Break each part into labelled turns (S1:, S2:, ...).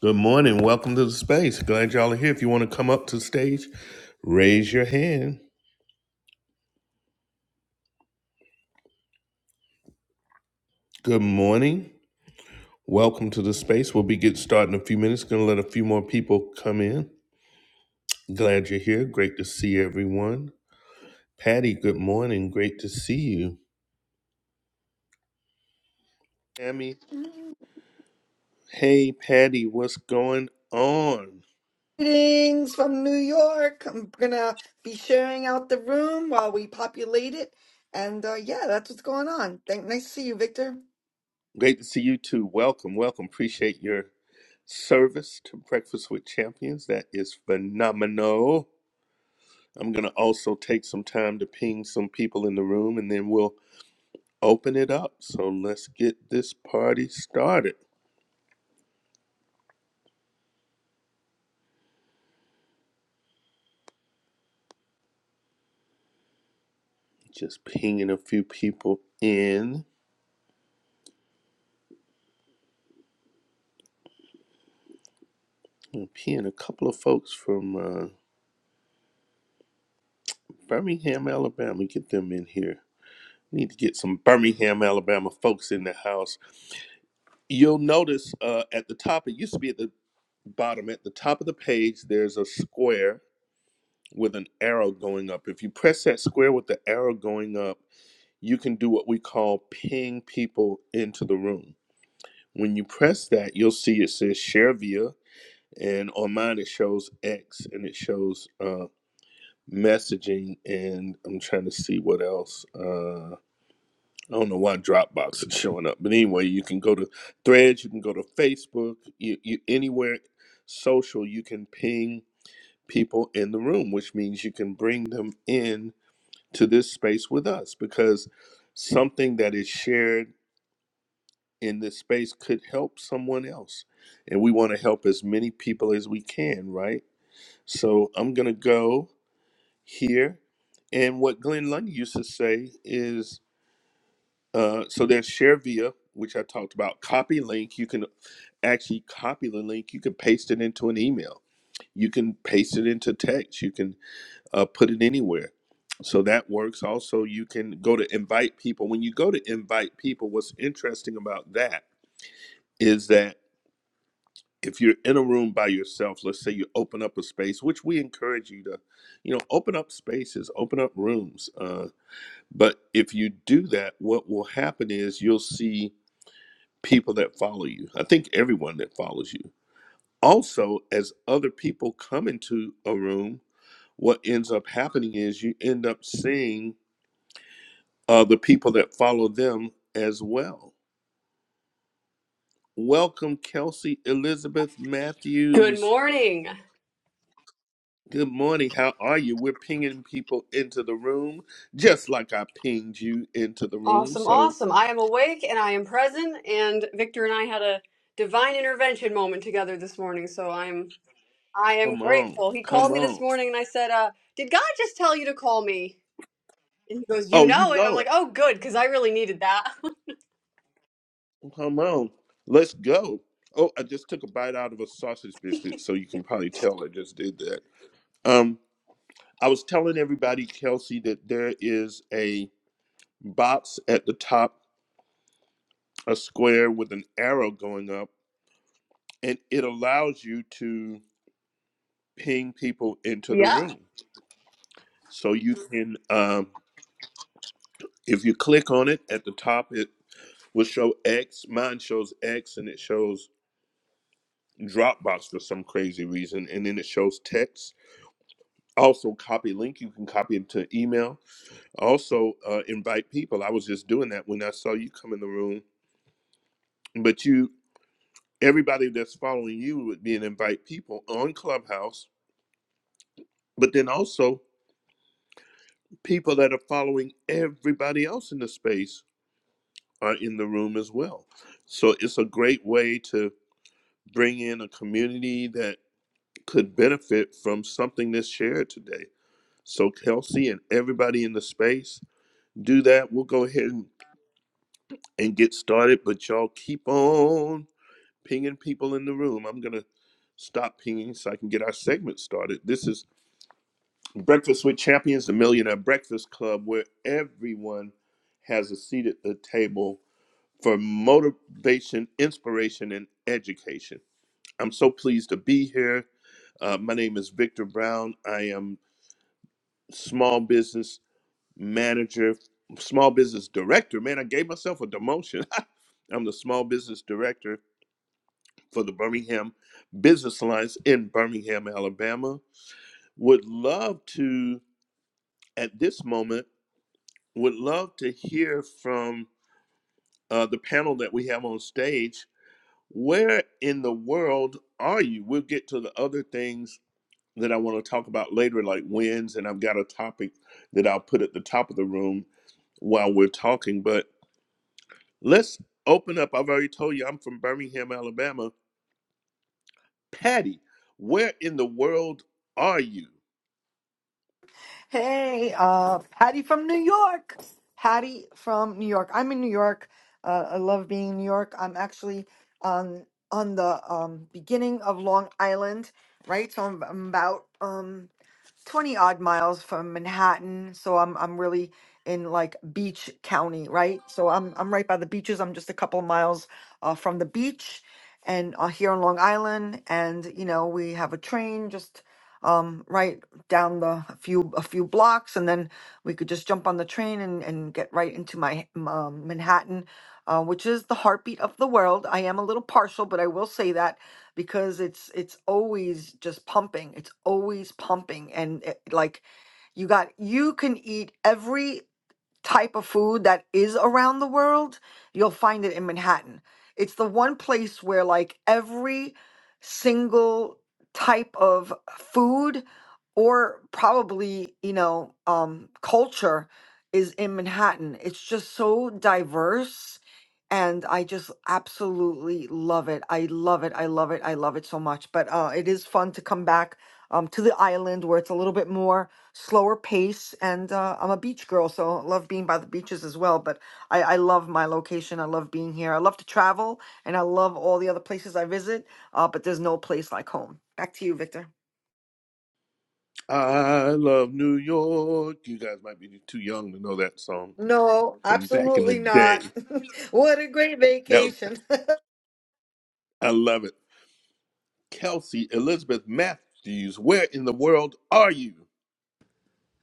S1: Good morning. Welcome to the space. Glad y'all are here. If you want to come up to the stage, raise your hand. Good morning. Welcome to the space. We'll be getting started in a few minutes. Gonna let a few more people come in. Glad you're here. Great to see everyone. Patty, good morning. Great to see you. Tammy, hey Patty, what's going on?
S2: Greetings from New York. I'm gonna be sharing out the room while we populate it. And uh, yeah, that's what's going on. Thank, nice to see you, Victor.
S1: Great to see you too. Welcome, welcome. Appreciate your service to Breakfast with Champions. That is phenomenal. I'm going to also take some time to ping some people in the room and then we'll open it up. So let's get this party started. Just pinging a few people in. I'm pinging a couple of folks from uh, Birmingham, Alabama. Get them in here. Need to get some Birmingham, Alabama folks in the house. You'll notice uh, at the top, it used to be at the bottom, at the top of the page, there's a square with an arrow going up. If you press that square with the arrow going up, you can do what we call ping people into the room. When you press that, you'll see it says share via, and on mine it shows X and it shows uh, messaging, and I'm trying to see what else. Uh, I don't know why Dropbox is showing up, but anyway, you can go to Threads, you can go to Facebook, you, you anywhere social, you can ping people in the room, which means you can bring them in to this space with us because something that is shared in this space could help someone else. And we want to help as many people as we can, right? So I'm going to go here. And what Glenn Lundy used to say is uh, so there's ShareVia, which I talked about, copy link. You can actually copy the link, you can paste it into an email, you can paste it into text, you can uh, put it anywhere. So that works. Also, you can go to invite people. When you go to invite people, what's interesting about that? Is that? if you're in a room by yourself, let's say you open up a space, which we encourage you to, you know, open up spaces, open up rooms. Uh, but if you do that, what will happen is you'll see people that follow you. I think everyone that follows you. Also, as other people come into a room, what ends up happening is you end up seeing uh, the people that follow them as well. Welcome, Kelsey Elizabeth
S3: Good
S1: Matthews.
S3: morning.
S1: Good morning. How are you? We're pinging people into the room, just like I pinged you into the room.
S3: Awesome,
S1: So
S3: awesome. I am awake and I am present and Victor and I had a divine intervention moment together this morning, so I'm I am
S1: come on,
S3: grateful. He
S1: come
S3: called me this
S1: on.
S3: morning and I said, "Uh, did God just tell you to call me?" And he goes, "You
S1: Oh, you
S3: know it." And I'm
S1: know
S3: like,
S1: it.
S3: "Oh, good, cuz I really needed that."
S1: Come on, let's go. Oh, I just took a bite out of a sausage biscuit, so you can probably tell I just did that. Um, I was telling everybody, Kelsey, that there is a box at the top, a square with an arrow going up, and it allows you to ping people into the
S3: yeah.
S1: room so you can um, If you click on it at the top, it will show X. Mine shows X and it shows Dropbox for some crazy reason. And then it shows text. Also, copy link. You can copy it to email. Also, uh, invite people. I was just doing that when I saw you come in the room. But you, everybody that's following you would be an invite people on Clubhouse. But then also, people that are following everybody else in the space are in the room as well. So it's a great way to. bring in a community that could benefit from something that's shared today. So, Kelsey and everybody in the space, do that. We'll go ahead and, and get started, but y'all keep on pinging people in the room. I'm going to stop pinging so I can get our segment started. This is Breakfast with Champions, the Millionaire Breakfast Club, where everyone has a seat at the table for motivation, inspiration, and education. I'm so pleased to be here. Uh, my name is Victor Brown. I am small business manager, small business director. Man, I gave myself a demotion. I'm the small business director for the Birmingham Business Alliance in Birmingham, Alabama. Would love to, at this moment, would love to hear from uh, the panel that we have on stage. Where in the world are you? We'll get to the other things that I want to talk about later, like wins, and I've got a topic that I'll put at the top of the room while we're talking. But let's open up. I've already told you I'm from Birmingham, Alabama. Patty, where in the world are you?
S2: Hey, uh, Patty from New York. Patty from New York. I'm in New York. Uh, I love being in New York. I'm actually on on the um, beginning of Long Island, right? So I'm, I'm about um, 20 odd miles from Manhattan, so I'm I'm really in like Beach County, right? So I'm I'm right by the beaches. I'm just a couple of miles uh, from the beach, and uh, here on Long Island, and you know we have a train just um right down the a few a few blocks, and then we could just jump on the train and and get right into my um, Manhattan, uh, which is the heartbeat of the world. I am a little partial, but I will say that because it's it's always just pumping. It's always pumping and it, like you got you can eat every type of food that is around the world, you'll find it in Manhattan. It's the one place where like every single type of food or probably, you know, um culture is in Manhattan. It's just so diverse and I just absolutely love it. I love it. I love it. I love it so much. But uh it is fun to come back um to the island where it's a little bit more slower pace and uh, i'm a beach girl so i love being by the beaches as well but I, I love my location i love being here i love to travel and i love all the other places i visit uh, but there's no place like home back to you victor
S1: I love New York. You guys might be too young to know that song
S2: no
S1: from back in
S2: absolutely
S1: the day.
S2: not what a great
S1: Now,
S2: vacation
S1: I love it. Kelsey Elizabeth Matthews, where in the world are you?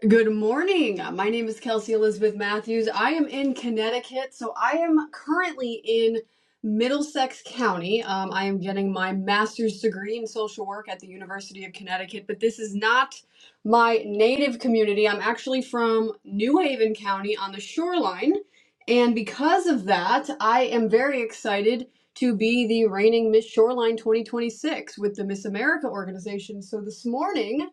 S3: Good morning. My name is Kelsey Elizabeth Matthews. I am in Connecticut, so I am currently in Middlesex County. Um, I am getting my master's degree in social work at the University of Connecticut, but this is not my native community. I'm actually from New Haven County on the shoreline, and because of that, I am very excited to be the reigning Miss Shoreline 2026 with the Miss America organization. So this morning,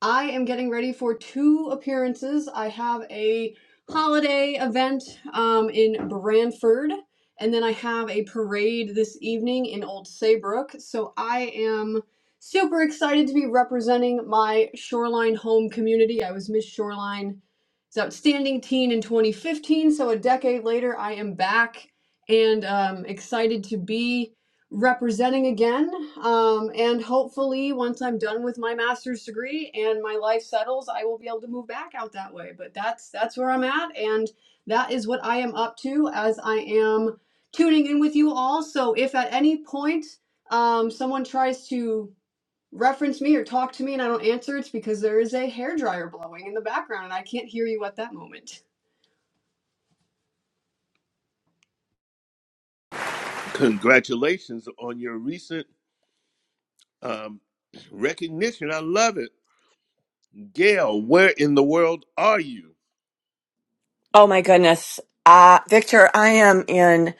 S3: I am getting ready for two appearances. I have a holiday event um, in Branford, and then I have a parade this evening in Old Saybrook. So I am super excited to be representing my Shoreline home community. I was Miss Shoreline's Outstanding Teen in 2015, so a decade later, I am back and um, excited to be representing again. Um, and hopefully, once I'm done with my master's degree and my life settles, I will be able to move back out that way. But that's that's where I'm at, and that is what I am up to as I am tuning in with you all. So if at any point um, someone tries to reference me or talk to me and I don't answer, it's because there is a hair dryer blowing in the background and I can't hear you at that moment.
S1: Congratulations on your recent Um, recognition, I love it. Gail, where in the world are you?
S4: Oh my goodness. Uh, Victor, I am in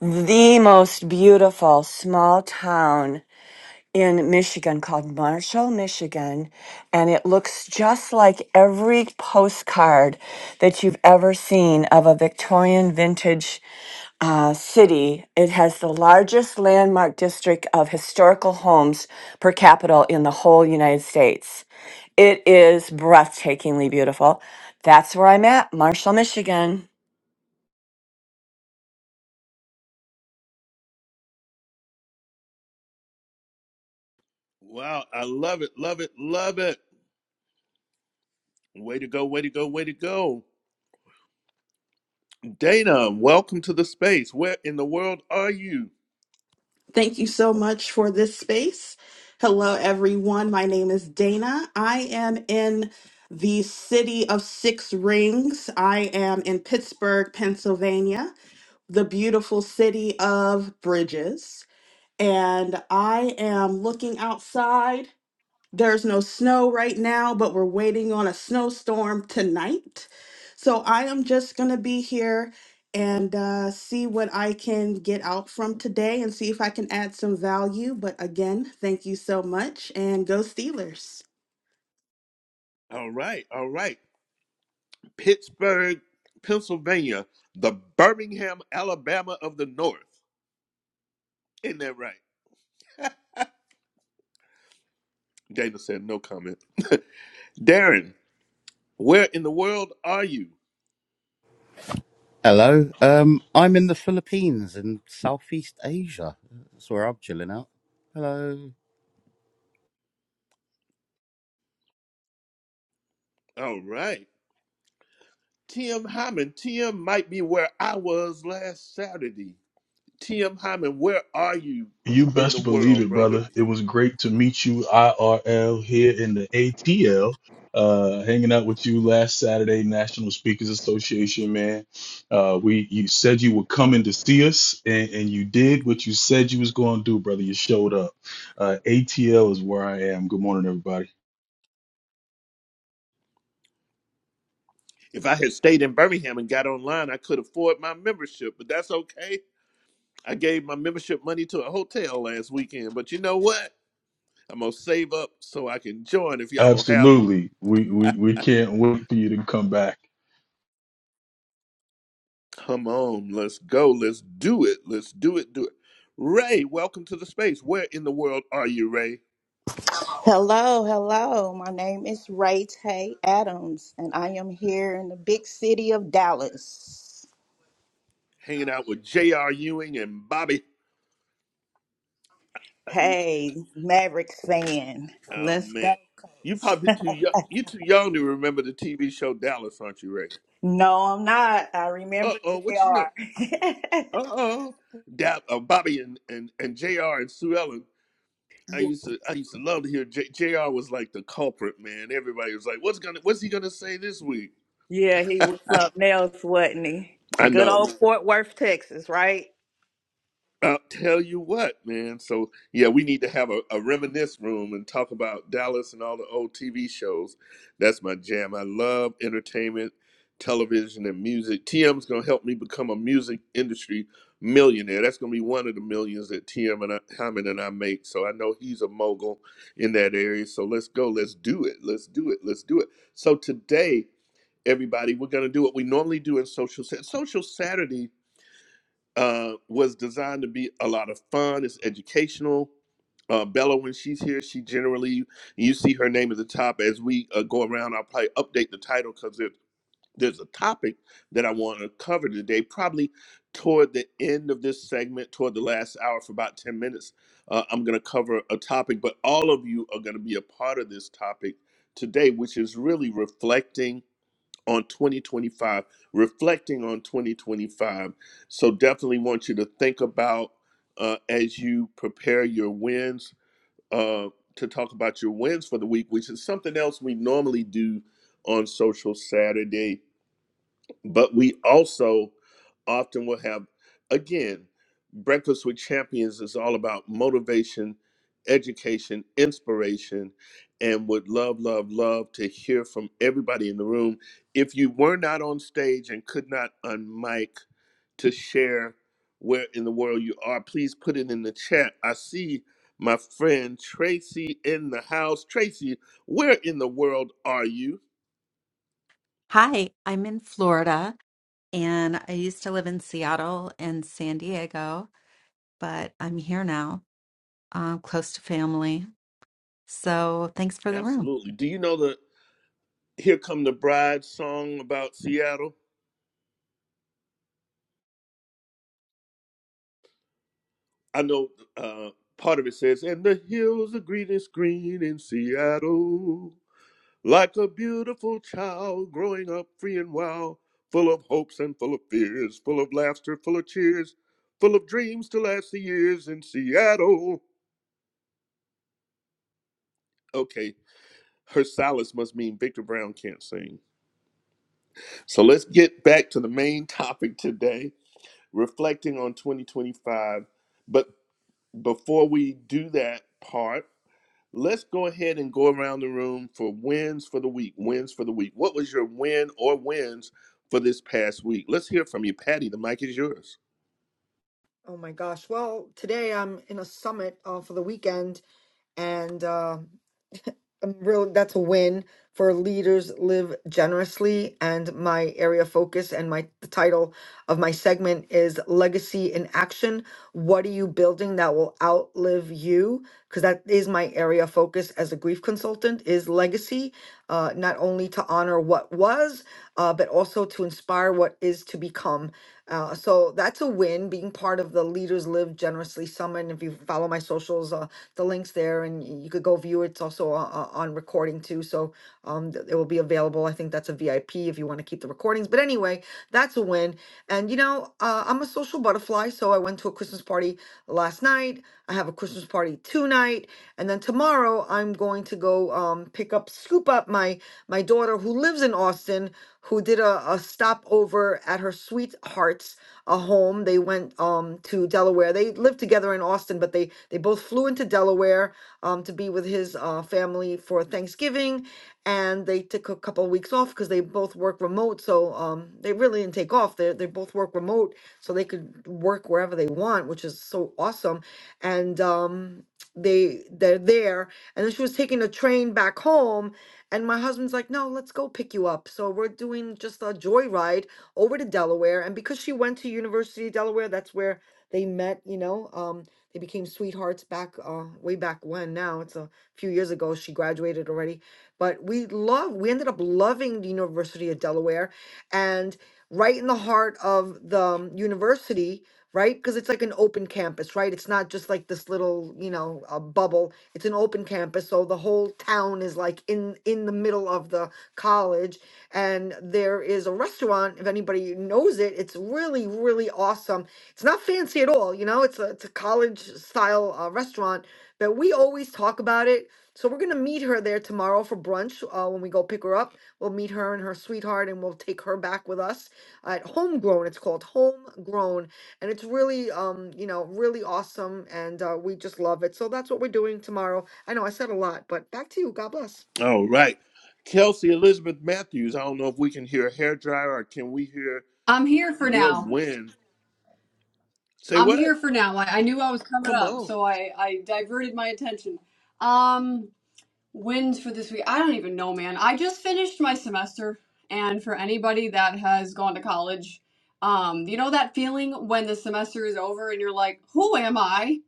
S4: the most beautiful small town in Michigan called Marshall, Michigan, and it looks just like every postcard that you've ever seen of a Victorian vintage uh, city. It has the largest landmark district of historical homes per capita in the whole United States. It is breathtakingly beautiful. That's where I'm at, Marshall, Michigan.
S1: Wow, I love it, love it, love it. Way to go, way to go, way to go. Dana, welcome to the space. Where in the world are you?
S5: Thank you so much for this space. Hello, everyone. My name is Dana. I am in the city of Six Rings. I am in Pittsburgh, Pennsylvania, the beautiful city of bridges. And I am looking outside there's no snow right now, but we're waiting on a snowstorm tonight. So I am just going to be here and uh, see what I can get out from today and see if I can add some value. But again, thank you so much and go Steelers.
S1: All right, all right. Pittsburgh, Pennsylvania, the Birmingham, Alabama of the North. Isn't that right? Dana said no comment. Darren, where in the world are you?
S6: Hello. Um, I'm in the Philippines in Southeast Asia. That's where I'm chilling out. Hello.
S1: All right. Tim Hyman, Tim might be where I was last Saturday. Tim Hyman, where are you
S7: You
S1: in the
S7: best believe
S1: world,
S7: it,
S1: brother?
S7: brother. It was great to meet you IRL here in the ATL. Uh, hanging out with you last Saturday, National Speakers Association, man. Uh, we you said you were coming to see us, and, and you did what you said you was going to do, brother. You showed up. Uh, ATL is where I am. Good morning, everybody.
S1: If I had stayed in Birmingham and got online, I could afford my membership, but that's okay. I gave my membership money to a hotel last weekend, but you know what? I'm going to save up so I can join if y'all will have me.
S7: Absolutely, we we we can't wait for you to come back.
S1: Come on, let's go. Let's do it. Let's do it. Do it. Ray, welcome to the space. Where in the world are you, Ray?
S8: Hello, hello. My name is Ray Tay Adams, and I am here in the big city of Dallas.
S1: Hanging out with J.R. Ewing and Bobby
S8: Hey, Mavericks fan,
S1: Oh
S8: let's go.
S1: man, you probably too young. You too young to remember the TV show Dallas, aren't you, Ray?
S8: No, I'm not. I
S1: Uh
S8: remember
S1: oh, what you know?
S8: JR.
S1: Uh oh, da- uh, Bobby and, and and Jr. and Sue Ellen. I used to I used to love to hear J- Jr. was like the culprit, man. Everybody was like, "What's gonna What's he gonna say this week?"
S8: yeah, he was something else, wasn't he?
S1: I
S8: Good
S1: know.
S8: old Fort Worth, Texas, right?
S1: I'll tell you what, man. So yeah, we need to have a, a reminisce room and talk about Dallas and all the old TV shows. That's my jam. I love entertainment, television, and music. TM's gonna help me become a music industry millionaire. That's gonna be one of the millions that TM and I, Hyman and I make. So I know he's a mogul in that area. So let's go. Let's do it. Let's do it. Let's do it. So today, everybody, we're gonna do what we normally do in social Sa- social Saturday uh, was designed to be a lot of fun. It's educational. Uh, Bella, when she's here, she generally you see her name at the top. As we uh, go around, I'll probably update the title because there's there's a topic that I want to cover today. Probably toward the end of this segment, toward the last hour for about ten minutes, uh, I'm going to cover a topic. But all of you are going to be a part of this topic today, which is really reflecting on 2025, reflecting on 2025. So definitely want you to think about uh, as you prepare your wins uh, to talk about your wins for the week, which is something else we normally do on Social Saturday. But we also often will have, again, Breakfast with Champions is all about motivation, education, inspiration, and would love, love, love to hear from everybody in the room. If you were not on stage and could not unmic to share where in the world you are, please put it in the chat. I see my friend Tracy in the house. Tracy, where in the world are you?
S9: Hi, I'm in Florida and I used to live in Seattle and San Diego, but I'm here now, uh, close to family. So thanks for the room.
S1: Absolutely. Do you know the? Here Come the Bride song about Seattle. I know uh, part of it says, And the hills are green and green in Seattle, like a beautiful child growing up free and wild, full of hopes and full of fears, full of laughter, full of cheers, full of dreams to last the years in Seattle. Okay, her silence must mean Victor Brown can't sing. So let's get back to the main topic today, reflecting on 2025. but. before we do that part, let's go ahead and go around the room for wins for the week. Wins for the week. What was your win or wins for this past week? Let's hear from you, Patty. The mic is yours.
S2: oh my gosh well today i'm in a summit uh, for the weekend and uh, um, real that's a win for leaders live generously and my area of focus and my the title of my segment is legacy in action what are you building that will outlive you because that is my area of focus as a grief consultant is legacy uh, not only to honor what was uh, but also to inspire what is to become uh, so that's a win being part of the leaders live generously summit And if you follow my socials uh, the links there and you could go view it. It's also also uh, on recording too. So um, th- it will be available. I think that's a VIP if you want to keep the recordings. But anyway, that's a win. And you know, uh, I'm a social butterfly, so I went to a Christmas party last night. I have a Christmas party tonight, and then tomorrow I'm going to go um, pick up, scoop up my my daughter who lives in Austin, who did a, a stopover at her sweetheart's a home. They went um to Delaware. They lived together in Austin, but they they both flew into Delaware um, to be with his uh, family for Thanksgiving, and they took a couple of weeks off because they both work remote. So um, they really didn't take off. They they both work remote, so they could work wherever they want, which is so awesome. And um, they they're there, and then she was taking a train back home, and my husband's like, "No, let's go pick you up." So we're doing just a joyride over to Delaware, and because she went to University of Delaware, that's where they met. You know. Um, they became sweethearts back uh, way back when. Now it's a few years ago. She graduated already, but we love. We ended up loving the University of Delaware, and right in the heart of the um, university, right? Because it's like an open campus, right? It's not just like this little, you know, uh, bubble. It's an open campus, so the whole town is like in in the middle of the college, and there is a restaurant. If anybody knows it, it's really really awesome it's not fancy at all, you know. It's a it's a college style uh, restaurant, but we always talk about it. So we're gonna meet her there tomorrow for brunch. Uh, when we go pick her up, we'll meet her and her sweetheart, and we'll take her back with us at Homegrown. It's called Homegrown, and it's really um you know really awesome, and uh, we just love it. So that's what we're doing tomorrow. I know I said a lot, but back to you. God bless.
S1: All right, Kelsey Elizabeth Matthews. I don't know if we can hear a hairdryer or can we hear
S3: I'm here for
S1: your
S3: now.
S1: win? Say
S3: I'm here
S1: what?
S3: for now. I, I knew I was coming
S1: Come
S3: up,
S1: on.
S3: so I, I diverted my attention. Um, wins for this week. I don't even know, man. I just finished my semester, and for anybody that has gone to college, um, you know that feeling when the semester is over and you're like, who am I?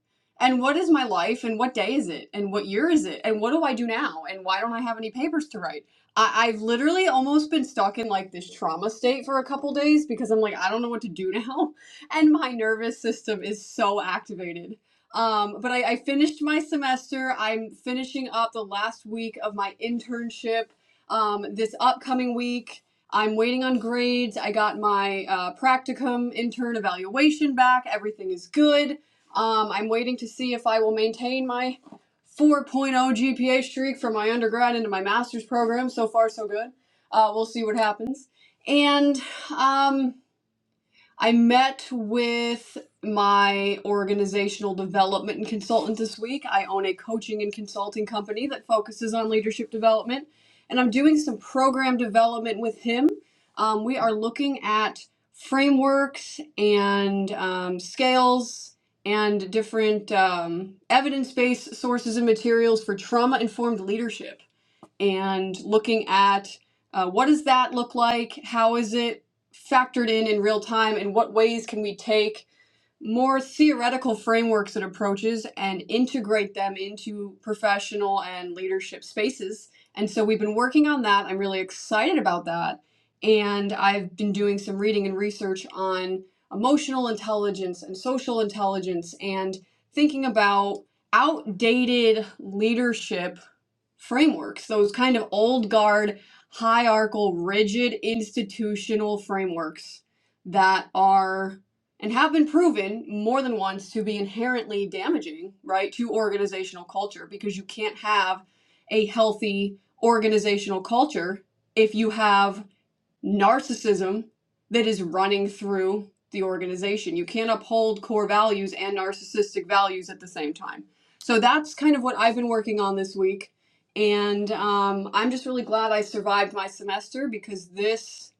S3: And what is my life? And what day is it? And what year is it? And what do I do now? And why don't I have any papers to write? I- I've literally almost been stuck in like this trauma state for a couple days because I'm like, I don't know what to do now. And my nervous system is so activated. Um, but I, I finished my semester. I'm finishing up the last week of my internship um, this upcoming week. I'm waiting on grades. I got my uh, practicum intern evaluation back. Everything is good. Um, I'm waiting to see if I will maintain my 4.0 GPA streak from my undergrad into my master's program. So far, so good. Uh, we'll see what happens. And um, I met with my organizational development consultant this week. I own a coaching and consulting company that focuses on leadership development, and I'm doing some program development with him. Um, we are looking at frameworks and um, scales and different um, evidence based sources and materials for trauma informed leadership and looking at uh, what does that look like? How is it factored in in real time? And what ways can we take more theoretical frameworks and approaches and integrate them into professional and leadership spaces? And so we've been working on that. I'm really excited about that. And I've been doing some reading and research on emotional intelligence and social intelligence and thinking about outdated leadership frameworks, those kind of old guard, hierarchical, rigid institutional frameworks that are and have been proven more than once to be inherently damaging, right, to organizational culture because you can't have a healthy organizational culture if you have narcissism that is running through the organization. You can't uphold core values and narcissistic values at the same time. So that's kind of what I've been working on this week. And um, I'm just really glad I survived my semester because this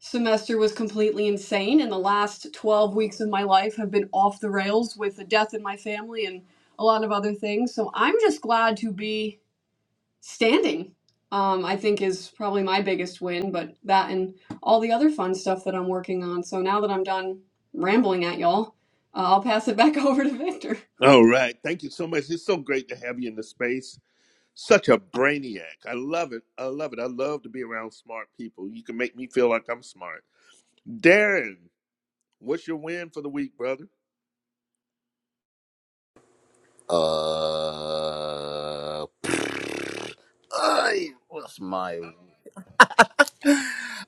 S3: semester was completely insane. And the last 12 weeks of my life have been off the rails with the death in my family and a lot of other things. So I'm just glad to be standing um, i think is probably my biggest win but that and all the other fun stuff that i'm working on so now that i'm done rambling at y'all uh, i'll pass it back over to victor
S1: All right. Thank you so much. It's so great to have you in the space. Such a brainiac. I love it. I love it. I love to be around smart people. You can make me feel like I'm smart. Darren, what's your win for the week, brother?
S6: Uh, I, what's my?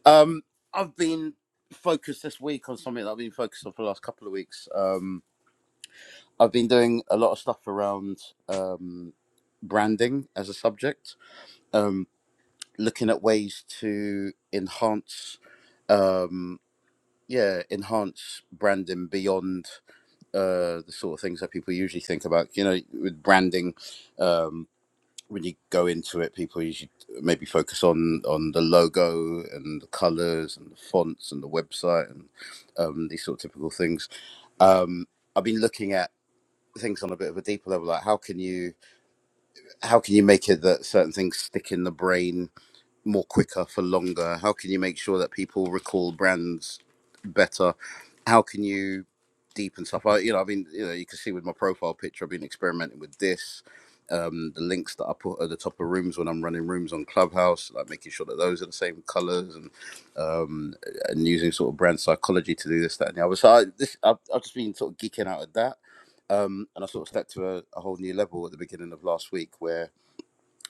S6: Um, I've been focused this week on something that I've been focused on for the last couple of weeks. Um, I've been doing a lot of stuff around um, branding as a subject, um, looking at ways to enhance, um, yeah, enhance branding beyond. uh, the sort of things that people usually think about. You know, with branding, um, when you go into it, people usually maybe focus on on the logo and the colors and the fonts and the website and um, these sort of typical things. Um, I've been looking at things on a bit of a deeper level, like how can you how can you make it that certain things stick in the brain more quicker for longer? How can you make sure that people recall brands better? How can you deepen stuff? I, you know, I mean, you know, you can see with my profile picture, I've been experimenting with this. Um, the links that I put at the top of rooms when I'm running rooms on Clubhouse, like making sure that those are the same colors and um, and using sort of brand psychology to do this, that, and the other. So I, this, I've, I've just been sort of geeking out at that. Um, and I sort of stepped to a, a whole new level at the beginning of last week where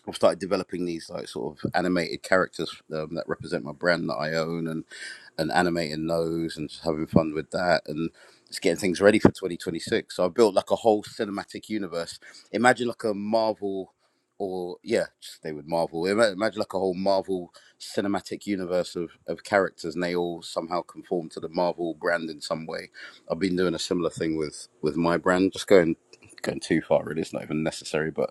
S6: I've started developing these like sort of animated characters um, that represent my brand that I own, and and animating those, and just having fun with that, and just getting things ready for 2026. So I built like a whole cinematic universe. Imagine like a Marvel, or yeah, just stay with Marvel. Imagine like a whole Marvel cinematic universe of of characters, and they all somehow conform to the Marvel brand in some way. I've been doing a similar thing with with my brand, just going going too far really. It's not even necessary, but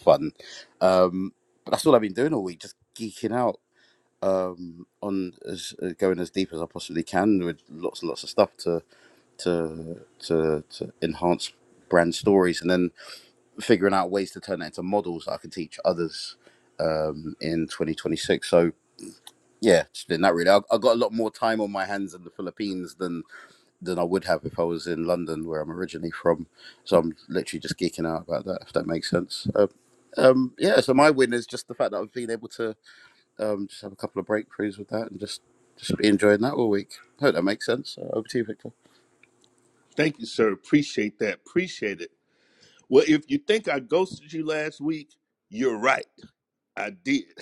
S6: fun. Um, but that's all I've been doing all week, just geeking out um, on as, uh, going as deep as I possibly can with lots and lots of stuff to to to, to enhance brand stories, and then figuring out ways to turn that into models that I can teach others um, in 2026. So yeah, just doing that really. I, I got a lot more time on my hands in the Philippines than than I would have if I was in London, where I'm originally from. So I'm literally just geeking out about that, if that makes sense. Um, um, yeah, so my win is just the fact that I've been able to um, just have a couple of breakthroughs with that and just just be enjoying that all week. I Hope that makes sense. Uh, over to you, Victor.
S1: Thank you, sir. Appreciate that. Appreciate it. Well, if you think I ghosted you last week, you're right. I did.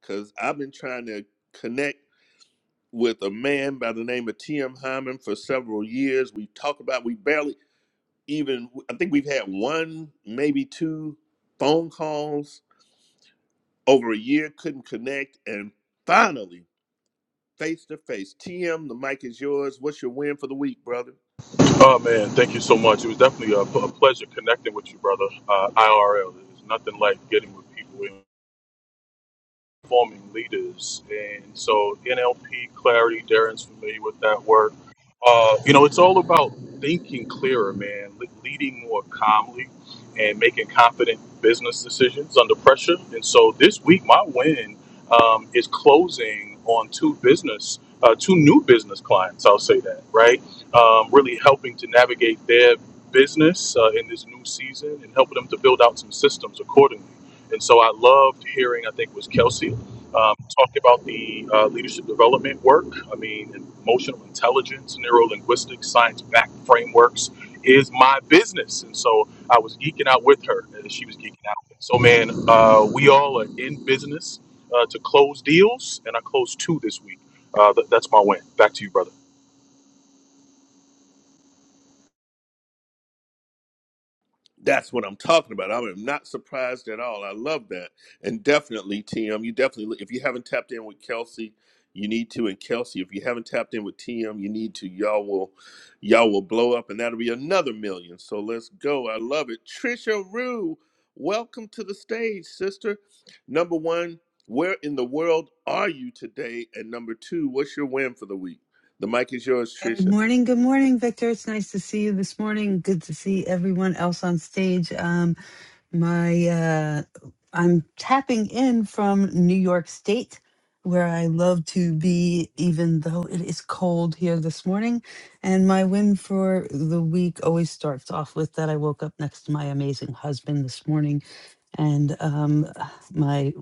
S1: Because I've been trying to connect with a man by the name of T.M. Hyman for several years. We've talked about, we barely even, I think we've had one, maybe two phone calls over a year, couldn't connect. And finally, face to face, T.M., the mic is yours. What's your win for the week, brother?
S7: Oh man, thank you so much. It was definitely a, a pleasure connecting with you, brother. Uh, IRL, there's nothing like getting with people. forming leaders. And so NLP clarity, Darren's familiar with that work. Uh, you know, it's all about thinking clearer, man, le- leading more calmly and making confident business decisions under pressure. And so this week, my win um, is closing on two business, uh, two new business clients. I'll say that, right? Um, really helping to navigate their business uh, in this new season and helping them to build out some systems accordingly. And so I loved hearing, I think it was Kelsey um, talked about the uh, leadership development work. I mean, emotional intelligence, neuro linguistics, science backed frameworks is my business. And so I was geeking out with her as she was geeking out. So, man, uh, we all are in business uh, to close deals, and I closed two this week. Uh, th- that's my win. Back to you, brother.
S1: That's what I'm talking about. I'm not surprised at all. I love that. And definitely, TM, you definitely, if you haven't tapped in with Kelsey, you need to. And Kelsey, if you haven't tapped in with TM, you need to. Y'all will, y'all will blow up and that'll be another million. So let's go. I love it. Trisha Rue, welcome to the stage, sister. Number one, where in the world are you today? And number two, what's your win for the week? The mic is yours,
S10: Good
S1: Trisha.
S10: morning. Good morning, Victor. It's nice to see you this morning. Good to see everyone else on stage. Um, my uh, I'm tapping in from New York State, where I love to be, even though it is cold here this morning. And my win for the week always starts off with that I woke up next to my amazing husband this morning. And um, my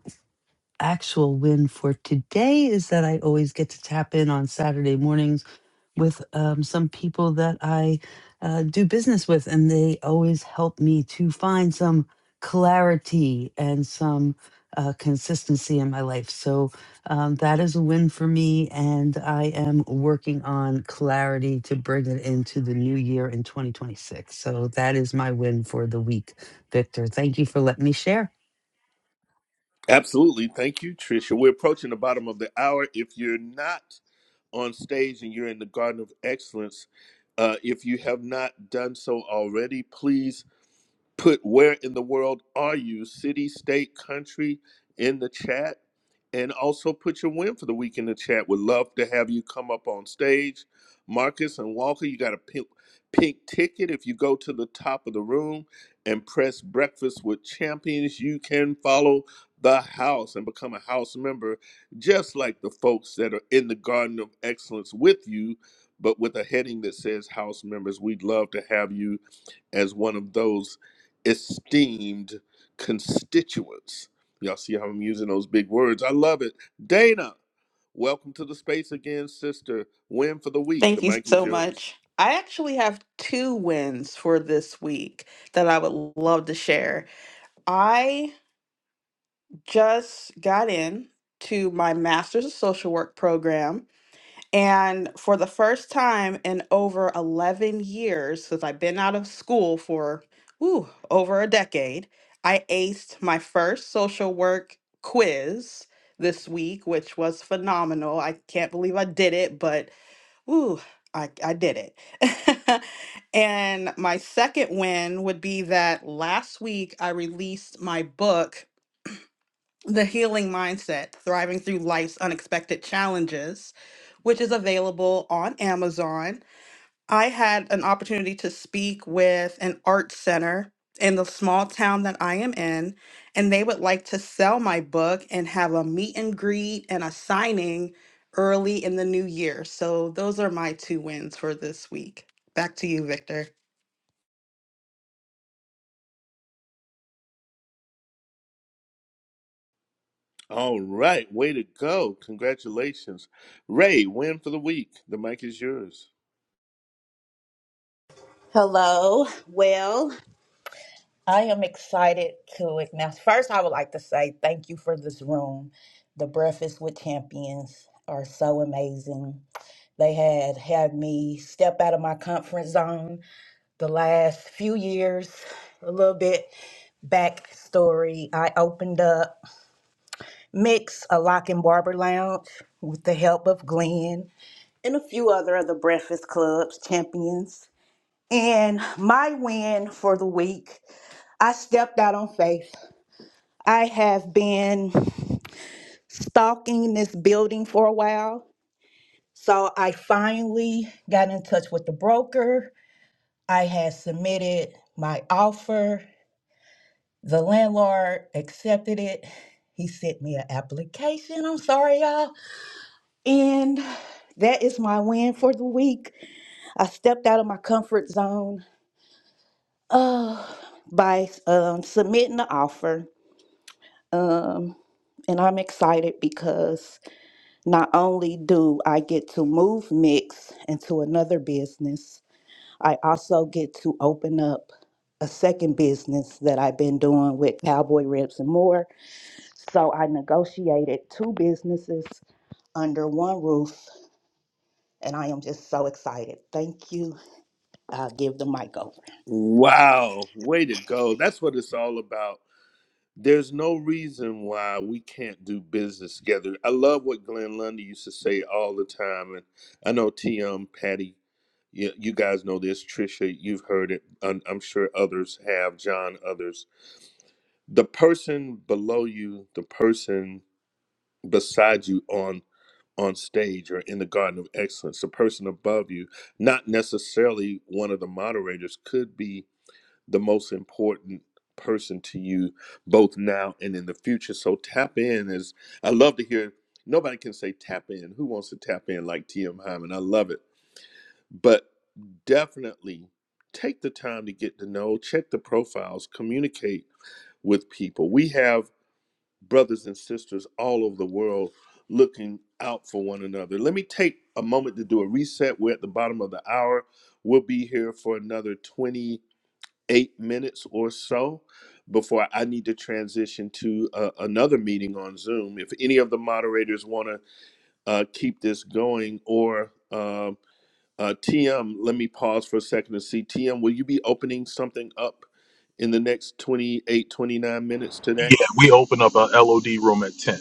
S10: actual win for today is that I always get to tap in on Saturday mornings with um, some people that I uh, do business with, and they always help me to find some clarity and some uh, consistency in my life. So um, that is a win for me, and I am working on clarity to bring it into the new year in 2026. So that is my win for the week, Victor. Thank you for letting me share.
S1: Absolutely. Thank you, Tricia. We're approaching the bottom of the hour. If you're not on stage and you're in the Garden of Excellence, uh, if you have not done so already, please put where in the world are you, city, state, country, in the chat. And also put your win for the week in the chat. Would love to have you come up on stage. Marcus and Walker, you got a pink, pink ticket. If you go to the top of the room and press breakfast with champions, you can follow the house and become a house member, just like the folks that are in the Garden of Excellence with you, but with a heading that says house members. We'd love to have you as one of those esteemed constituents. Y'all see how I'm using those big words? I love it. Dana, welcome to the space again, sister. Win for the week. The
S5: Thank you
S1: mic is
S5: so
S1: yours.
S5: much. I actually have two wins for this week that I would love to share. I just got in to my master's of social work program And for the first time in over 11 years, since I've been out of school for ooh, over a decade, I aced my first social work quiz this week, which was phenomenal. I can't believe I did it, but ooh, I, I did it. and my second win would be that last week I released my book the healing mindset thriving through life's unexpected challenges which is available on amazon i had an opportunity to speak with an art center in the small town that i am in and they would like to sell my book and have a meet and greet and a signing early in the new year so those are my two wins for this week back to you victor
S1: All right, way to go. Congratulations. Ray, win for the week. The mic is yours.
S8: Hello. Well, I am excited to announce. First, I would like to say thank you for this room. The Breakfast with Champions are so amazing. They had had me step out of my comfort zone the last few years, a little bit backstory. I opened up Mix, a lock and barber lounge, with the help of Glenn and a few other of the Breakfast Club's champions. And my win for the week, I stepped out on faith I have been stalking this building for a while. So I finally got in touch with the broker. I had submitted my offer. The landlord accepted it. He sent me an application. I'm sorry, y'all. And that is my win for the week. I stepped out of my comfort zone uh, by um, submitting the offer. Um, and I'm excited because Not only do I get to move Mix into another business, I also get to open up a second business that I've been doing with Cowboy Ribs and More. So I negotiated two businesses under one roof, and I am just so excited. Thank you. I'll give the mic over.
S1: Wow, way to go. That's what it's all about. There's no reason why we can't do business together. I love what Glenn Lundy used to say all the time, and I know TM, Patty, you, you guys know this. Trisha, you've heard it. I'm, I'm sure others have. John, others. The person below you, the person beside you on on stage or in the Garden of Excellence, the person above you, not necessarily one of the moderators, could be the most important person to you both now and in the future. So tap in is I love to hear nobody can say tap in. Who wants to tap in like TM Hyman? I love it. But definitely take the time to get to know, check the profiles, communicate with people. We have brothers and sisters all over the world looking out for one another. Let me take a moment to do a reset. We're at the bottom of the hour. We'll be here for another 20 eight minutes or so before I need to transition to uh, another meeting on Zoom. If any of the moderators want to uh, keep this going, or um uh, TM, let me pause for a second to see. TM, will you be opening something up in the next 28, 29 minutes today?
S7: Yeah, we open up a LOD room at 10.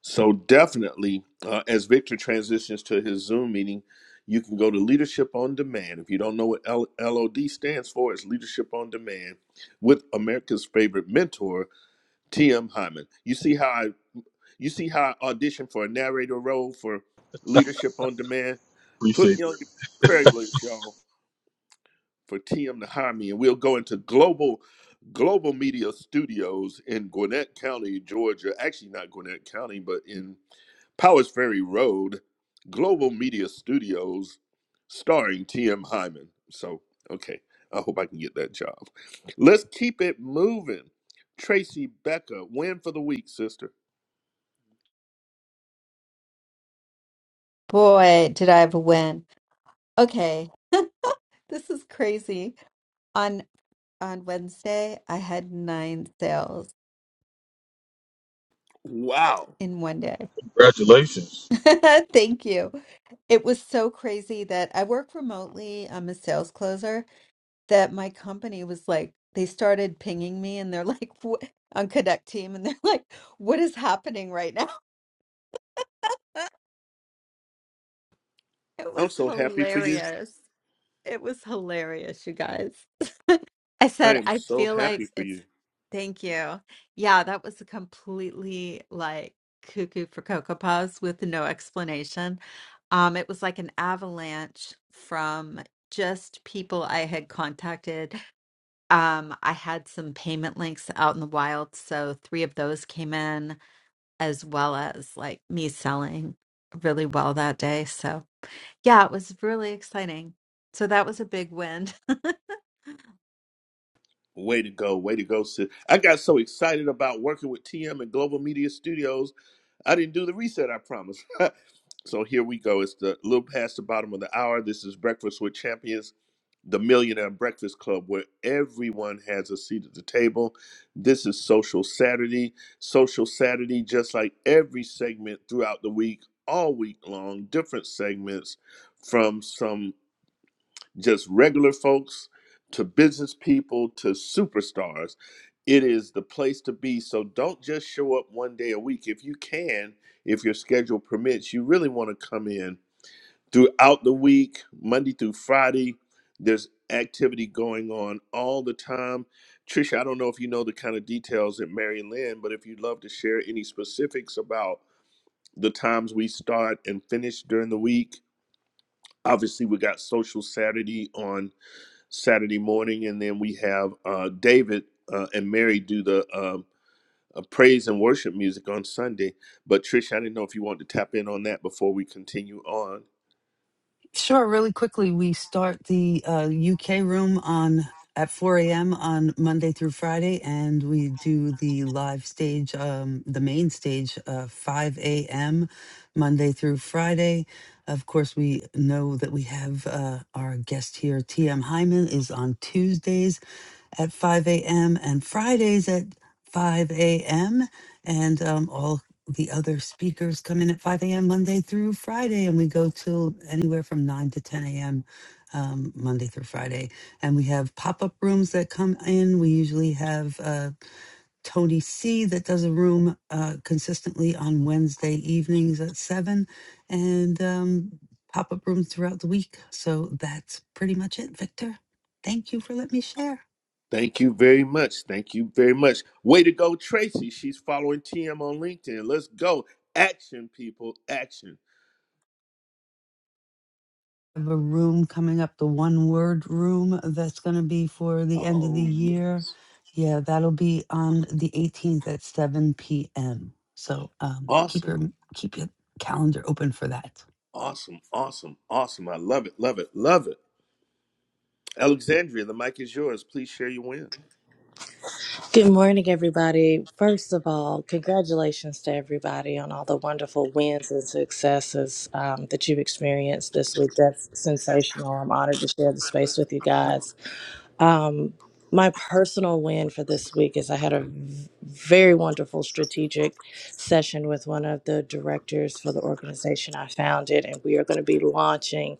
S1: So, definitely, uh, as Victor transitions to his Zoom meeting, you can go to Leadership on Demand. If you don't know what L- LOD stands for, it's Leadership on Demand with America's favorite mentor. T.M. Hyman. You see how I you see how I auditioned for a narrator role for Leadership on Demand? Put
S7: Appreciate
S1: me
S7: it.
S1: on your prayer list, y'all for TM to hire me, and we'll go into global global media studios in Gwinnett County, Georgia. Actually, not Gwinnett County, but in Powers Ferry Road, Global Media Studios, starring TM Hyman. So, okay, I hope I can get that job. Let's keep it moving. Tracy Becker, win for the week, sister.
S9: Boy, did I have a win. Okay, this is crazy. On on Wednesday, I had nine sales
S1: Wow,
S9: in one day.
S7: Congratulations.
S9: Thank you. It was so crazy that I work remotely. I'm a sales closer. that my company was like, they started pinging me and they're like, "Wha- on Cadet Team, and they're like, what is happening right now? It was
S1: I'm so happy for you.
S9: hilarious. It was hilarious, you guys. I
S1: I
S9: said,
S1: am
S9: I
S1: so
S9: feel like
S1: happy for you.
S9: it's, thank you. Yeah, that was a completely like cuckoo for Cocoa Puffs with no explanation. Um, it was like an avalanche from just people I had contacted Um, I had some payment links out in the wild, so three of those came in, as well as like me selling really well that day. So, yeah, it was really exciting. So that was a big win.
S1: Way to go, way to go, sis. I got so excited about working with TM and Global Media Studios. I didn't do the reset, I promise. so here we go. It's the little past the bottom of the hour. This is Breakfast with Champions, the Millionaire Breakfast Club, where everyone has a seat at the table. This is Social Saturday. Social Saturday, just like every segment throughout the week, all week long, different segments from some just regular folks to business people to superstars. It is the place to be. So don't just show up one day a week. If you can, if your schedule permits, you really want to come in throughout the week, Monday through Friday. There's activity going on all the time. Trisha, I don't know if you know the kind of details at Mary Lynn, but if you'd love to share any specifics about the times we start and finish during the week, obviously we got social Saturday on Saturday morning, and then we have uh, David uh, and Mary do the um, uh, praise and worship music on Sunday. But Trish, I didn't know if you want to tap in on that before we continue on.
S10: Sure. Really quickly, we start the uh, UK room on at 4 a.m. on Monday through Friday, and we do the live stage, um, the main stage, uh, 5 a.m. Monday through Friday. Of course, we know that we have uh, our guest here, T.M. Hyman, is on Tuesdays at 5 a.m. and Fridays at 5 a.m. And um, all the other speakers come in at 5 a.m. Monday through Friday. And we go till anywhere from 9 to 10 a.m. Um, Monday through Friday. And we have pop up rooms that come in. We usually have uh, Tony C that does a room uh, consistently on Wednesday evenings at 7 and um, pop up rooms throughout the week. So that's pretty much it, Victor. Thank you for letting me share
S1: Thank you very much. Thank you very much. Way to go, Tracy. She's following TM on LinkedIn. Let's go. Action, people. Action.
S10: have a room coming up, the one word room that's going to be for the end of the
S1: Oh,
S10: year. Yeah, that'll be on the 18th at 7 p.m. So um, keep your
S1: awesome.
S10: keep your calendar open for that.
S1: Awesome. Awesome. Awesome. I love it. Love it. Love it. Alexandria, the mic is yours. Please share your win.
S11: Good morning, everybody. First of all, congratulations to everybody on all the wonderful wins and successes um, that you've experienced this week. That's sensational. I'm honored to share the space with you guys. Um, my personal win for this week is I had a v- very wonderful strategic session with one of the directors for the organization I founded, and we are going to be launching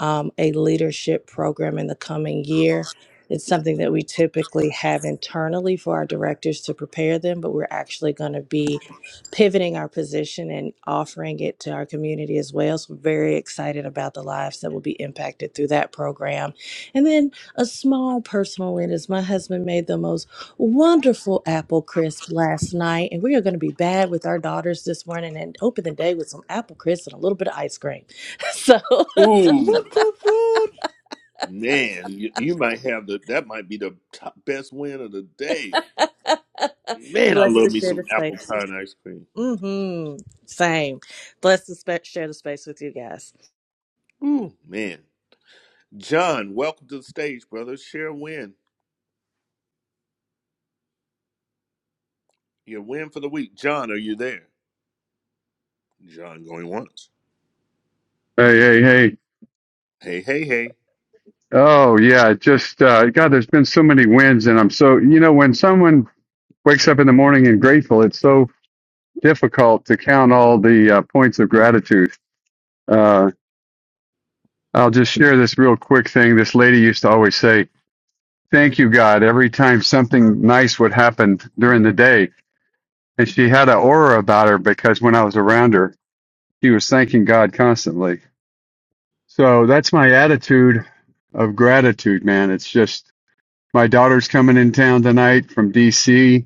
S11: um, a leadership program in the coming year. It's something that we typically have internally for our directors to prepare them, but we're actually going to be pivoting our position and offering it to our community as well. So, very excited about the lives that will be impacted through that program. And then a small personal witness. my husband made the most wonderful apple crisp last night, and we are going to be bad with our daughters this morning and open the day with some apple crisp and a little bit of ice cream. So
S1: Ooh.
S10: Woot, woot, woot.
S1: Man, you, you might have the that might be the top, best win of the day. Man, I
S11: blessed to
S1: love me
S11: share the
S1: some apple
S11: space.
S1: pie and ice cream.
S11: Mm-hmm. Same. Blessed to spe- share the space with you guys.
S1: Ooh, man. John, welcome to the stage, brother. Share a win. Your win for the week. John, are you there? John going once.
S12: Hey, hey, hey.
S1: Hey, hey, hey.
S12: Oh, yeah. Just, uh, God, there's been so many wins. And I'm so, you know, when someone wakes up in the morning and grateful, it's so difficult to count all the uh, points of gratitude. Uh, I'll just share this real quick thing. This lady used to always say, Thank you, God, every time something nice would happen during the day. And she had an aura about her because when I was around her, she was thanking God constantly. So that's my attitude of gratitude, man. It's just, My daughter's coming in town tonight from DC.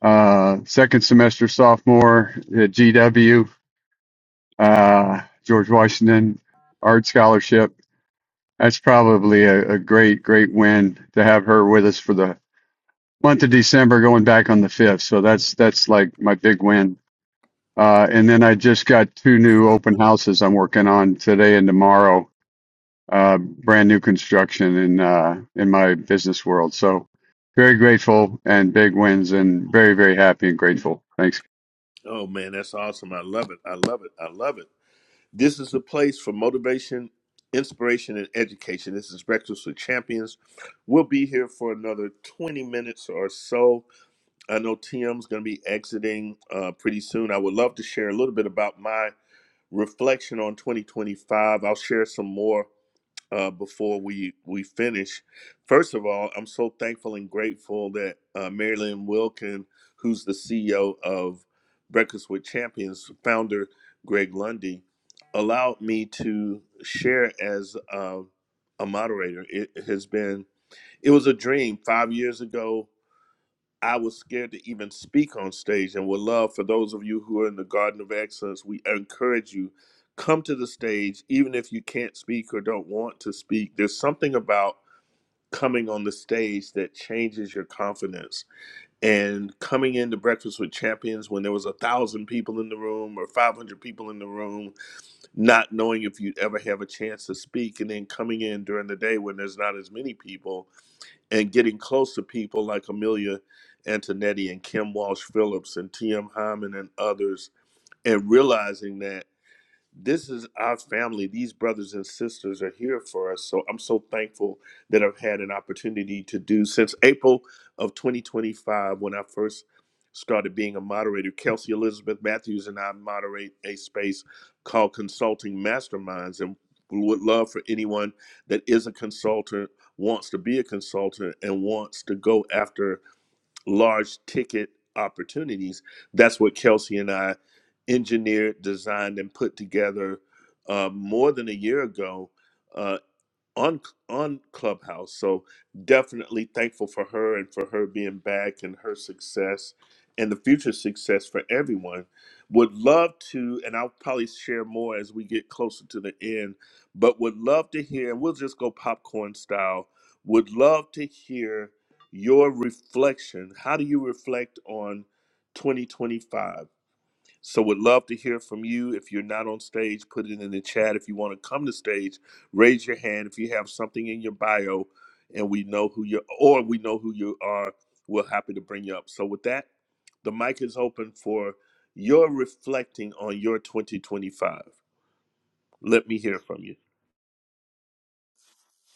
S12: Uh, second semester sophomore at GW, uh, George Washington Art Scholarship. That's probably a, a great, great win to have her with us for the month of December, going back on the fifth. So that's that's like my big win. Uh, and then I just got two new open houses I'm working on today and tomorrow uh, brand new construction in uh, in my business world. So very grateful and big wins and very very happy and grateful. Thanks.
S1: Oh man, that's awesome. I love it. I love it. I love it. This is the place for motivation, inspiration, and education. This is Breakfast with Champions. We'll be here for another 20 minutes or so I know Tim's going to be exiting uh, pretty soon. I would love to share a little bit about my reflection on 2025. I'll share some more uh, before we we finish. First of all, I'm so thankful and grateful that uh, Marilyn Wilkin, who's the CEO of Breakfast with Champions, founder Greg Lundy, allowed me to share as uh, a moderator. It has been it was a dream five years ago I was scared to even speak on stage and would love for those of you who are in the Garden of Excellence, we encourage you come to the stage even if you can't speak or don't want to speak. There's something about coming on the stage that changes your confidence. And coming into Breakfast with Champions when there was a thousand people in the room or 500 people in the room, not knowing if you'd ever have a chance to speak, and then coming in during the day when there's not as many people and getting close to people like Amelia Antonetti and Kim Walsh Phillips and T.M. Hyman and others, and realizing that this is our family. These brothers and sisters are here for us. So I'm so thankful that I've had an opportunity to do since April of 2025 when I first started being a moderator. Kelsey Elizabeth Matthews and I moderate a space called Consulting Masterminds. And we would love for anyone that is a consultant, wants to be a consultant, and wants to go after large ticket opportunities. That's what Kelsey and I engineered, designed, and put together uh, more than a year ago. uh, on on Clubhouse. So definitely thankful for her and for her being back and her success and the future success for everyone. Would love to, and I'll probably share more as we get closer to the end, but would love to hear, and we'll just go popcorn style, would love to hear your reflection. How do you reflect on 2025? So would love to hear from you. If you're not on stage, put it in the chat. If you want to come to stage, raise your hand. If you have something in your bio and we know who you or we know who you are, we're happy to bring you up. So with that, the mic is open for your reflecting on your 2025. Let me hear from you.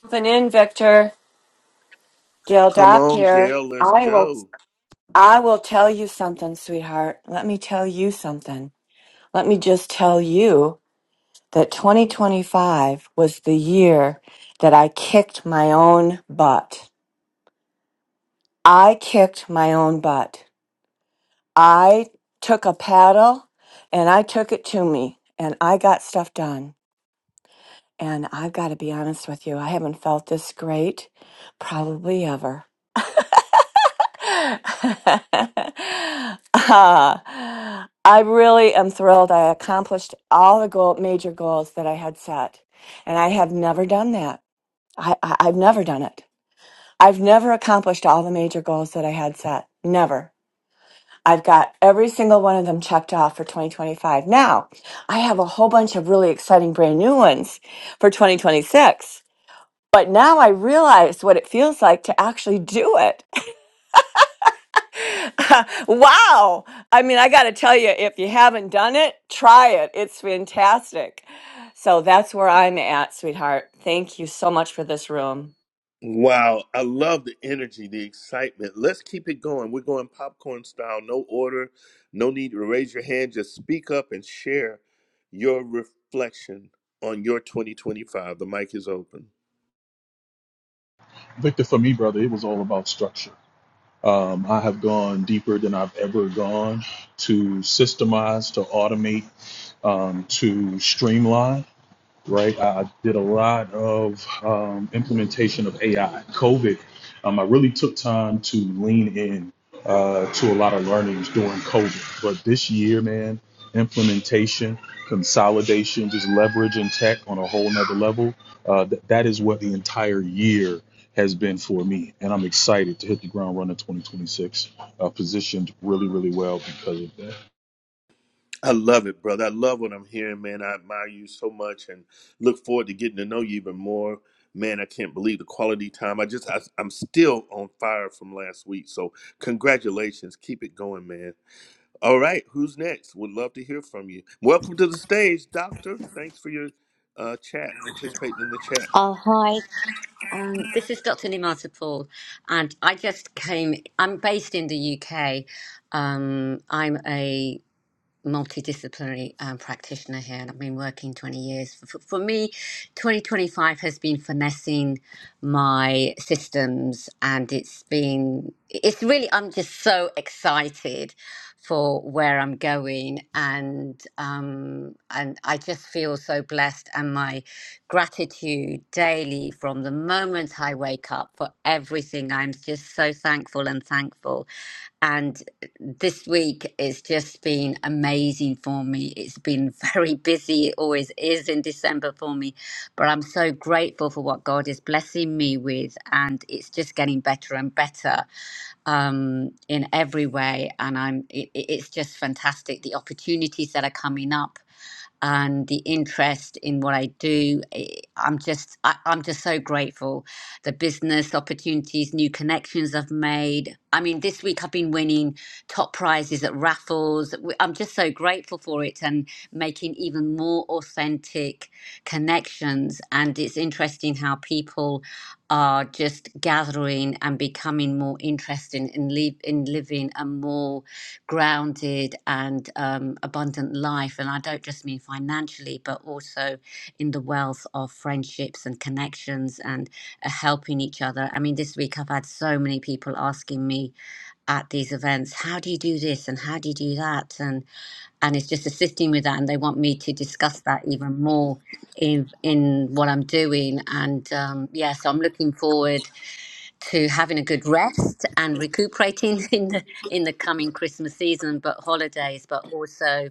S4: Jumping in, Victor. Gail
S1: Come
S4: Dopp
S1: on,
S4: here.
S1: Gail, let's
S4: I will.
S1: go.
S4: I will tell you something, sweetheart. Let me tell you something. Let me just tell you that 2025 was the year that I kicked my own butt. I kicked my own butt. I took a paddle and I took it to me and I got stuff done. And I've got to be honest with you, I haven't felt this great probably ever. Ah, I really am thrilled. I accomplished all the goal, major goals that I had set, and I have never done that. I, I, I've never done it. I've never accomplished all the major goals that I had set. Never. I've got every single one of them checked off for 2025. Now, I have a whole bunch of really exciting brand new ones for 2026. But now I realize what it feels like to actually do it. wow. I mean, I got to tell you, if you haven't done it, try it. It's fantastic. So that's where I'm at, sweetheart. Thank you so much for this room.
S1: Wow, I love the energy, the excitement. Let's keep it going. We're going popcorn style, no order, no need to raise your hand. Just speak up and share your reflection on your 2025. The mic is open.
S7: Victor, for me, brother, it was all about structure. Um, I have gone deeper than I've ever gone to systemize, to automate, um, to streamline right? I did a lot of um, implementation of AI. COVID, um, I really took time to lean in uh, to a lot of learnings during COVID. But this year, man, implementation, consolidation, just leveraging tech on a whole nother level, uh, th- that is what the entire year has been for me. And I'm excited to hit the ground running 2026, uh, positioned really, really well because of that.
S1: I love it, brother. I love what I'm hearing, man. I admire you so much and look forward to getting to know you even more. Man, I can't believe the quality time. I just, I, I'm still on fire from last week. So, congratulations. Keep it going, man. All right, who's next? Would love to hear from you. Welcome to the stage, Doctor. Thanks for your uh, chat, participating in the chat.
S13: Oh, hi. Um, this is Dr. Nimata Paul, and I just came. I'm based in the UK. Um, I'm a multidisciplinary um, practitioner here, and I've been working 20 years. For, for me, 2025 has been finessing my systems, and it's been, it's really, I'm just so excited for where I'm going, and um, and I just feel so blessed, and my gratitude daily from the moment I wake up for everything. I'm just so thankful and thankful. And this week it's just been amazing for me. It's been very busy, it always is in December for me, but I'm so grateful for what God is blessing me with. And it's just getting better and better um, in every way. And I'm, it, it- it's just fantastic the opportunities that are coming up and the interest in what I do. I- I'm just, I, I'm just so grateful the business opportunities, new connections I've made. I mean, this week I've been winning top prizes at raffles. W- I'm just so grateful for it and making even more authentic connections. And it's interesting how people are just gathering and becoming more interested in, li- in living a more grounded and um, abundant life. And I don't just mean financially, but also in the wealth of friendships and connections and helping each other. I mean, this week I've had so many people asking me at these events, how do you do this and how do you do that? and and it's just assisting with that. And they want me to discuss that even more in in what I'm doing. And um, yeah, so I'm looking forward to having a good rest and recuperating in the in the coming Christmas season, but holidays. But also,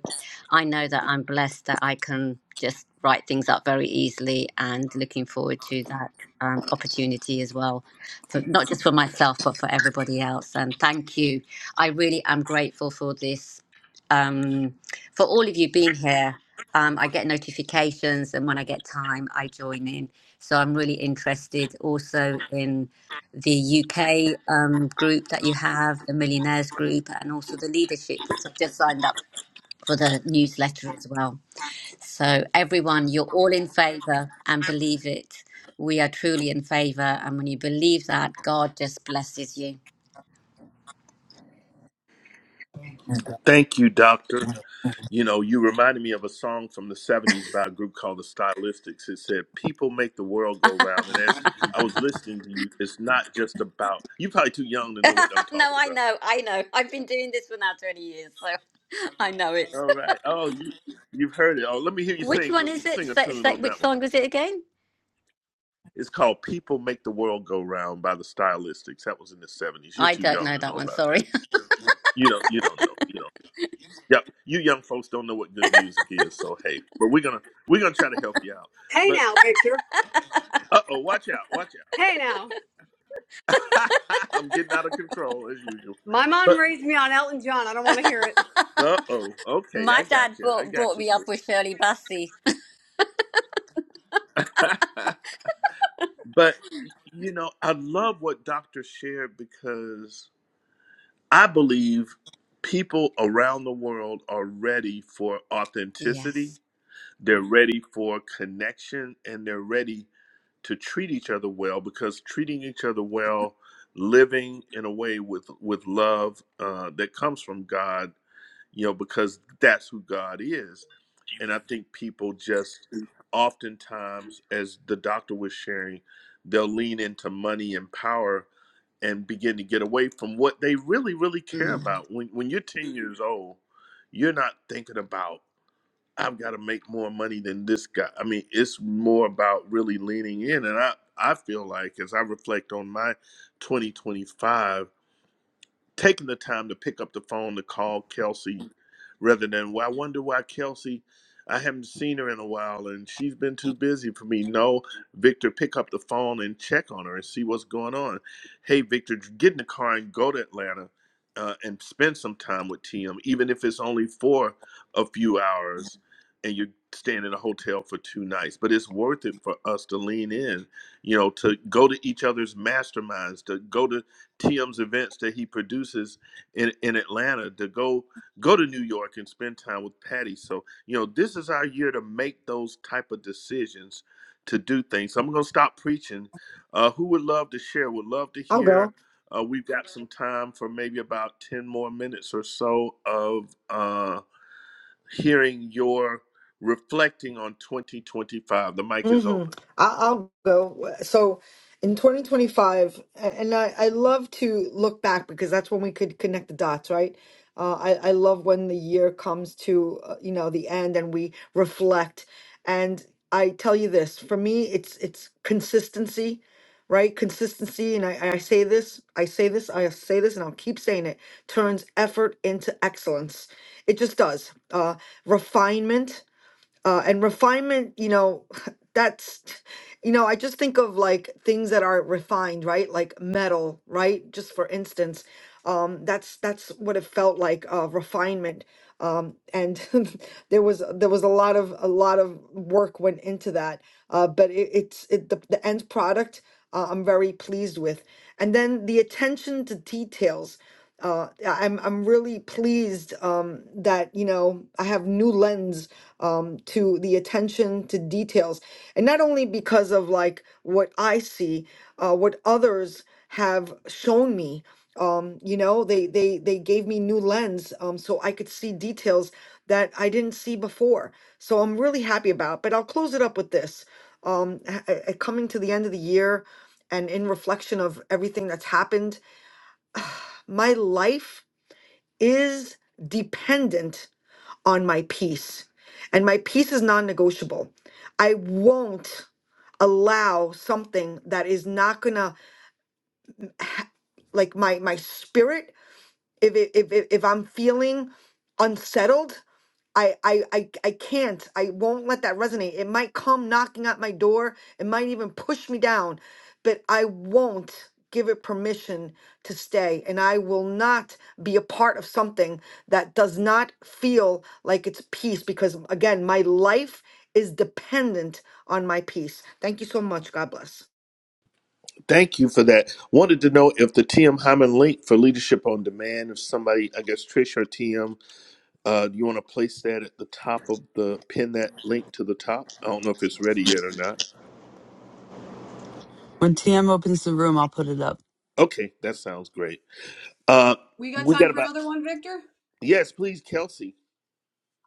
S13: I know that I'm blessed that I can just write things up very easily, and looking forward to that um, opportunity as well, for not just for myself but for everybody else. And thank you. I really am grateful for this. Um, for all of you being here. Um, I get notifications, and when I get time, I join in. So I'm really interested also in the UK um, group that you have, the Millionaires Group, and also the leadership, which I've just signed up for the newsletter as well. So, everyone, you're all in favor and believe it. We are truly in favor. And when you believe that, God just blesses you.
S1: Thank you, Doctor. You know, you reminded me of a song from the 70s by a group called the Stylistics. It said, People make the world go round. And as I was listening to you, it's not just about, you're probably too young to
S13: no,
S1: know what I'm talking
S13: I
S1: about.
S13: know, I know. I've been doing this for now 20 years, so I know it.
S1: All right. Oh, you, you've heard it. Oh, let me hear you
S13: Which
S1: sing,
S13: one is it?
S1: sing a
S13: Say,
S1: tune
S13: say,
S1: on
S13: which
S1: that one.
S13: song was it again?
S1: It's called People Make the World Go Round by the Stylistics. That was in the 70s. You're
S13: I
S1: too
S13: don't
S1: young
S13: know
S1: to
S13: that
S1: know
S13: one.
S1: about that.
S13: Sorry.
S1: You don't you don't know. You don't yeah, you young folks don't know what good music is, so hey, but we're gonna we're gonna try to help you out.
S3: Hey
S1: But
S3: now, Victor.
S1: uh oh, watch out, watch
S3: Hey now.
S1: out. I'm getting out of control as usual.
S3: My mom
S1: But
S3: raised me on Elton John. I don't want to hear it.
S1: uh oh, okay, I
S13: My
S1: got
S13: dad
S1: you, I
S13: brought
S1: got
S13: brought
S1: you.
S13: me up
S1: Sis.
S13: with Shirley Bassey.
S1: but you know, I love what Doctor shared because I believe people around the world are ready for authenticity
S13: Yes.
S1: They're ready for connection and they're ready to treat each other well because treating each other well, living in a way with with love uh, that comes from God, you know, because that's who God is. And I think people just oftentimes, as the doctor was sharing, they'll lean into money and power and begin to get away from what they really, really care
S13: Mm.
S1: about. When when you're 10 years old, you're not thinking about I've got to make more money than this guy. I mean, it's more about really leaning in. And I, I feel like as I reflect on my 2025, taking the time to pick up the phone to call Kelsey rather than, well, I wonder why Kelsey, I haven't seen her in a while and she's been too busy for me. No, Victor, pick up the phone and check on her and see what's going on. Hey, Victor, get in the car and go to Atlanta uh, and spend some time with TM, even if it's only for a few hours and you're staying in a hotel for two nights. But it's worth it for us to lean in, you know, to go to each other's masterminds, to go to TM's events that he produces in, in Atlanta to go go to New York and spend time with Patty. So, you know, this is our year to make those type of decisions to do things. So I'm gonna stop preaching. Uh, who would love to share? Would love to
S2: I'll go.
S1: hear. Uh, we've got some time for maybe about 10 more minutes or so of uh, hearing your reflecting on 2025. The mic is
S2: Mm-hmm.
S1: open.
S2: I, I'll go. So in 2025, a- and I, I love to look back because that's when we could connect the dots, right? Uh, I, I love when the year comes to, uh, you know, the end and we reflect. And I tell you this, for me, it's it's consistency, right? Consistency, and I, I say this, I say this, I say this, and I'll keep saying it, turns effort into excellence. It just does. Uh, refinement uh, and refinement you know that's you know i just think of like things that are refined right like metal right just for instance um that's that's what it felt like uh refinement um and there was there was a lot of a lot of work went into that uh but it, it's it the, the end product uh, i'm very pleased with and then the attention to details uh, I- I'm I'm really pleased um, that you know I have new lens um, to the attention to details, and not only because of like what I see, uh, what others have shown me. Um, you know, they they they gave me new lens um, so I could see details that I didn't see before. So I'm really happy about. But I'll close it up with this. Um, h- h- coming to the end of the year, and in reflection of everything that's happened, my life is dependent on my peace, and my peace is non negotiable. I won't allow something that is not gonna like my my spirit if it, if if if I'm feeling unsettled I, I I I can't. I won't let that resonate. It might come knocking at my door. It might even push me down, but I won't give it permission to stay. And I will not be a part of something that does not feel like it's peace because again, my life is dependent on my peace. Thank you so much. God bless.
S1: Thank you for that. Wanted to know if the TM Hyman link for Leadership on Demand, if somebody, I guess Trish or TM, uh, do you want to place that at the top of the, pin that link to the top? I don't know if it's ready yet or not.
S10: When TM opens the room, I'll put it up.
S1: Okay, that sounds great. Uh,
S3: we got
S1: we
S3: time
S1: got
S3: for
S1: about,
S3: another one victor
S1: yes, please, Kelsey.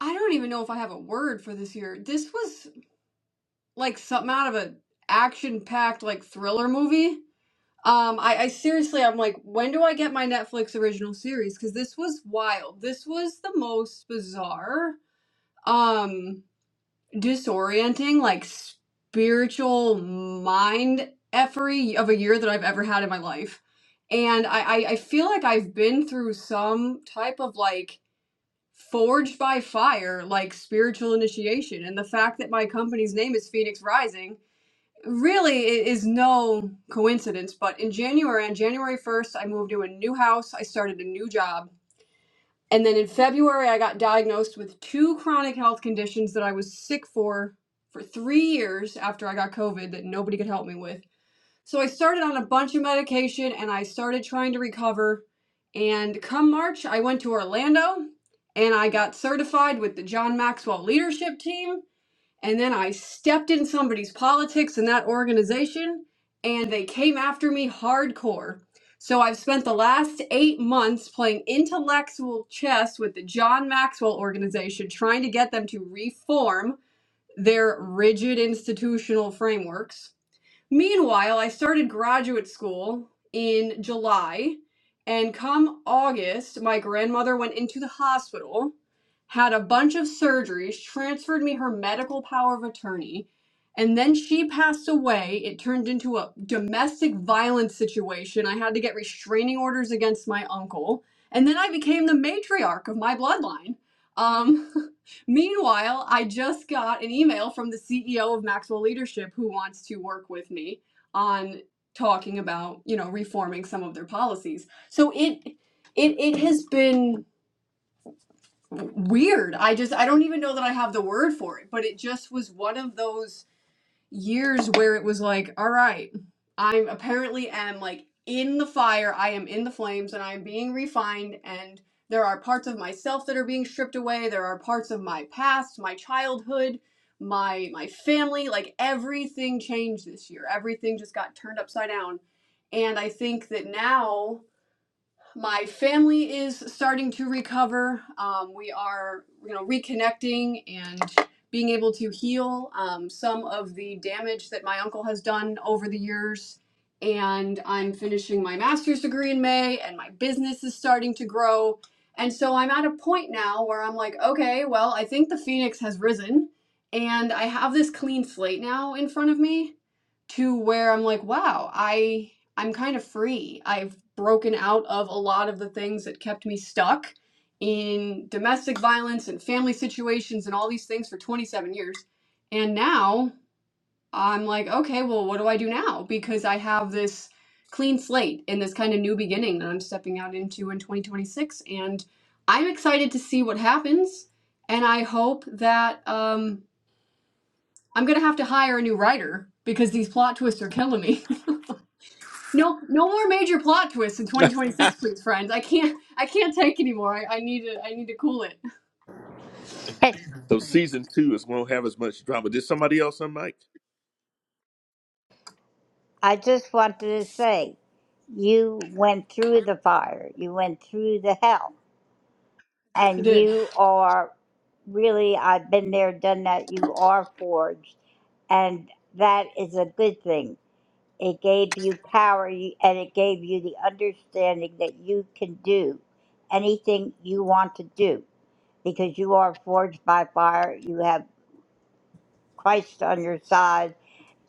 S3: i don't even know if i have a word for this year this was like something out of an action packed like thriller movie Um, I, I seriously, I'm like, when do I get my Netflix original series? Because this was wild. This was the most bizarre, um, disorienting, like spiritual mind effery of a year that I've ever had in my life. And I, I, I feel like I've been through some type of like forged by fire, like spiritual initiation. And the fact that my company's name is Phoenix Rising really it is no coincidence but in january on january 1st i moved to a new house i started a new job and then in february i got diagnosed with two chronic health conditions that i was sick for for three years after i got covid that nobody could help me with so i started on a bunch of medication and i started trying to recover and come march i went to orlando and i got certified with the john maxwell leadership team and then I stepped in somebody's politics in that organization, and they came after me hardcore. So I've spent the last eight months playing intellectual chess with the John Maxwell organization, trying to get them to reform their rigid institutional frameworks Meanwhile, I started graduate school in July, and come August, my grandmother went into the hospital, had a bunch of surgeries, transferred me her medical power of attorney, and then she passed away. It turned into a domestic violence situation. I had to get restraining orders against my uncle, and then I became the matriarch of my bloodline. Um, Meanwhile, I just got an email from the CEO of Maxwell Leadership who wants to work with me on talking about, you know, reforming some of their policies. So it it it has been weird. I just I don't even know that I have the word for it, but it just was one of those years where it was like, all right, I'm apparently am like in the fire, I am in the flames, and I'm being refined, and there are parts of myself that are being stripped away. There are parts of my past, my childhood, my my family, like everything changed this year. Everything just got turned upside down. And I think that now my family is starting to recover. Um, we are, you know, reconnecting and being able to heal um, some of the damage that my uncle has done over the years. And I'm finishing my master's degree in May, and my business is starting to grow. And so I'm at a point now where I'm like, okay, well, I think the phoenix has risen, and I have this clean slate now in front of me to where I'm like, wow, I I'm kind of free. I've broken out of a lot of the things that kept me stuck in domestic violence and family situations and all these things for 27 years. And now I'm like, okay, well, what do I do now? Because I have this clean slate and this kind of new beginning that I'm stepping out into in 2026 and I'm excited to see what happens and I hope that um I'm gonna have to hire a new writer because these plot twists are killing me. No, no more major plot twists in 2026, please, friends. I can't, I can't take anymore. I, I need to, I need to cool it.
S1: So season two is won't have as much drama. Did somebody else on mic?
S14: I just wanted to say, you went through the fire, you went through the hell,
S3: I
S14: and
S3: did.
S14: you are really, I've been there, done that, you are forged. And that is a good thing. It gave you power you- and it gave you the understanding that you can do anything you want to do because you are forged by fire. You have Christ on your side,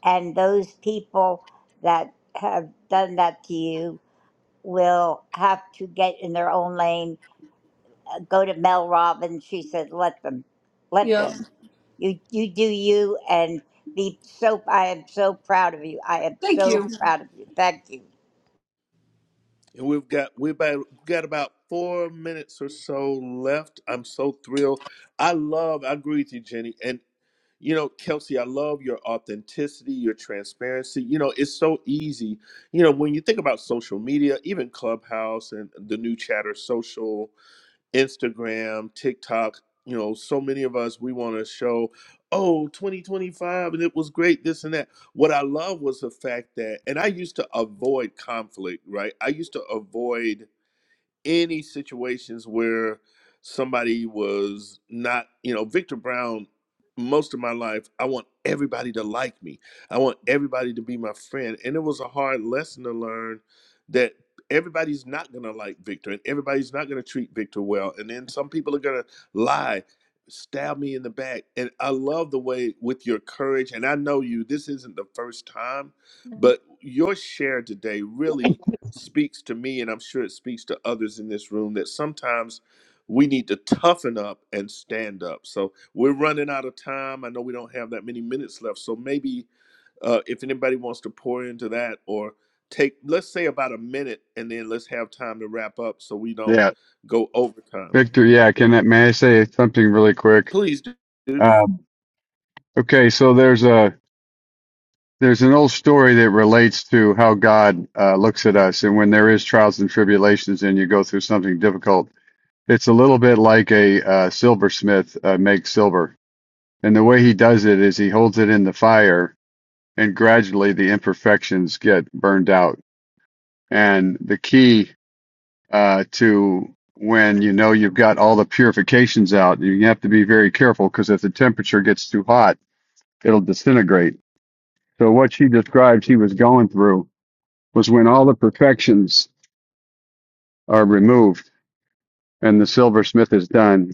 S14: and those people that have done that to you will have to get in their own lane. uh, Go to Mel Robbins. She said, "Let them, let
S3: Yep.
S14: them. You you do you and be so. I am so proud of you. I am
S3: Thank
S14: so
S3: you.
S14: proud of you. Thank you."
S1: And we've got we've about, we've got about four minutes or so left. I'm so thrilled. I love. I agree with you, Jenny. and. You know, Kelsey, I love your authenticity, your transparency. You know, it's so easy. You know, when you think about social media, even Clubhouse and the new chatter social, Instagram, TikTok, you know, so many of us, we want to show, oh, 2025, and it was great, this and that. What I love was the fact that, and I used to avoid conflict, right? I used to avoid any situations where somebody was not, you know, Victor Brown, most of my life, I want everybody to like me. I want everybody to be my friend. And it was a hard lesson to learn that everybody's not going to like Victor and everybody's not going to treat Victor well. And then some people are going to lie, stab me in the back. And I love the way with your courage, and I know you, this isn't the first time, but your share today really speaks to me, and I'm sure it speaks to others in this room, that sometimes we need to toughen up and stand up. So we're running out of time. I know we don't have that many minutes left. So maybe uh, if anybody wants to pour into that or take, let's say about a minute, and then let's have time to wrap up so we don't
S12: Yeah,
S1: go overtime.
S12: Victor. Yeah, can that may I say something really quick?
S1: Please, dude.
S12: Um, okay, so there's a there's an old story that relates to how God uh, looks at us, and when there is trials and tribulations, and you go through something difficult, it's a little bit like a uh, silversmith uh, makes silver, and the way he does it is he holds it in the fire and gradually the imperfections get burned out. And the key uh, to when you know you've got all the purifications out, you have to be very careful because if the temperature gets too hot, it'll disintegrate. So what she described she was going through was when all the perfections are removed and the silversmith is done,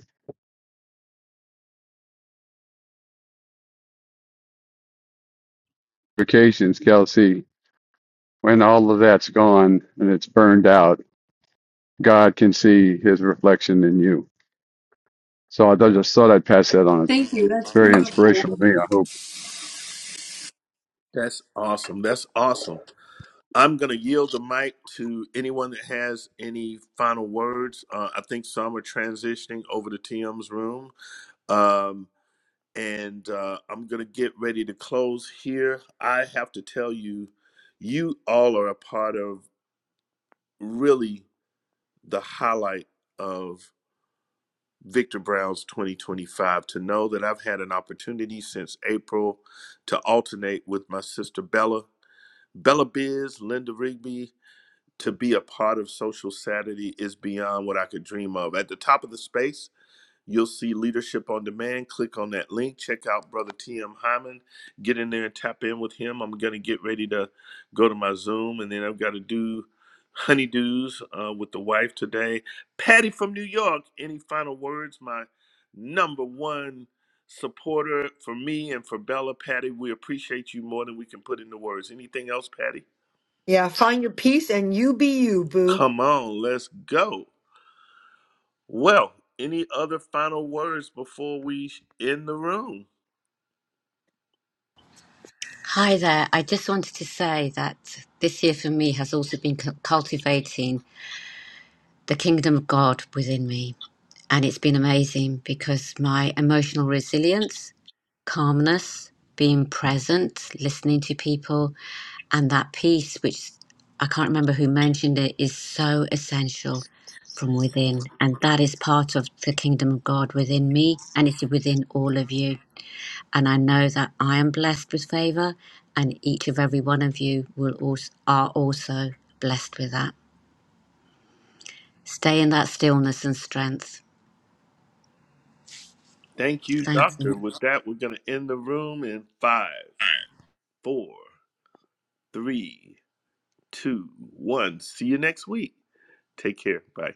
S12: Purifications, Kelsey, when all of that's gone and it's burned out, God can see his reflection in you. So I just thought I'd pass that on.
S3: Thank you. That's
S12: It's Very
S3: beautiful.
S12: inspirational to me. I hope.
S1: That's awesome. That's awesome. I'm going to yield the mic to anyone that has any final words. Uh, I think some are transitioning over to TM's room. Um, and uh, I'm going to get ready to close here. I have to tell you, you all are a part of really the highlight of Victor Brown's 2025. To know that I've had an opportunity since April to alternate with my sister Bella, Bella Biz, Linda Rigby, to be a part of Social Saturday is beyond what I could dream of. At the top of the space, You'll see Leadership on Demand. Click on that link. Check out Brother T.M. Hyman. Get in there and tap in with him. I'm going to get ready to go to my Zoom, and then I've got to do honeydews uh, with the wife today. Patty from New York, any final words? My number one supporter for me and for Bella, Patty, we appreciate you more than we can put into words. Anything else, Patty?
S2: Yeah, find your peace and you be you, boo.
S1: Come on, let's go. Well, any other final words before we end the room?
S13: Hi there. I just wanted to say that this year for me has also been cu- cultivating the kingdom of God within me. And it's been amazing because my emotional resilience, calmness, being present, listening to people, And that peace, which I can't remember who mentioned it, is so essential from within. And that is part of the kingdom of God within me, and it's within all of you. And I know that I am blessed with favor, and each of every one of you will also, are also blessed with that. Stay in that stillness and strength.
S1: Thank you,
S13: Thank you.
S1: Doctor. With that, we're going to end the room in five, four, three, two, one. See you next week. Take care. Bye.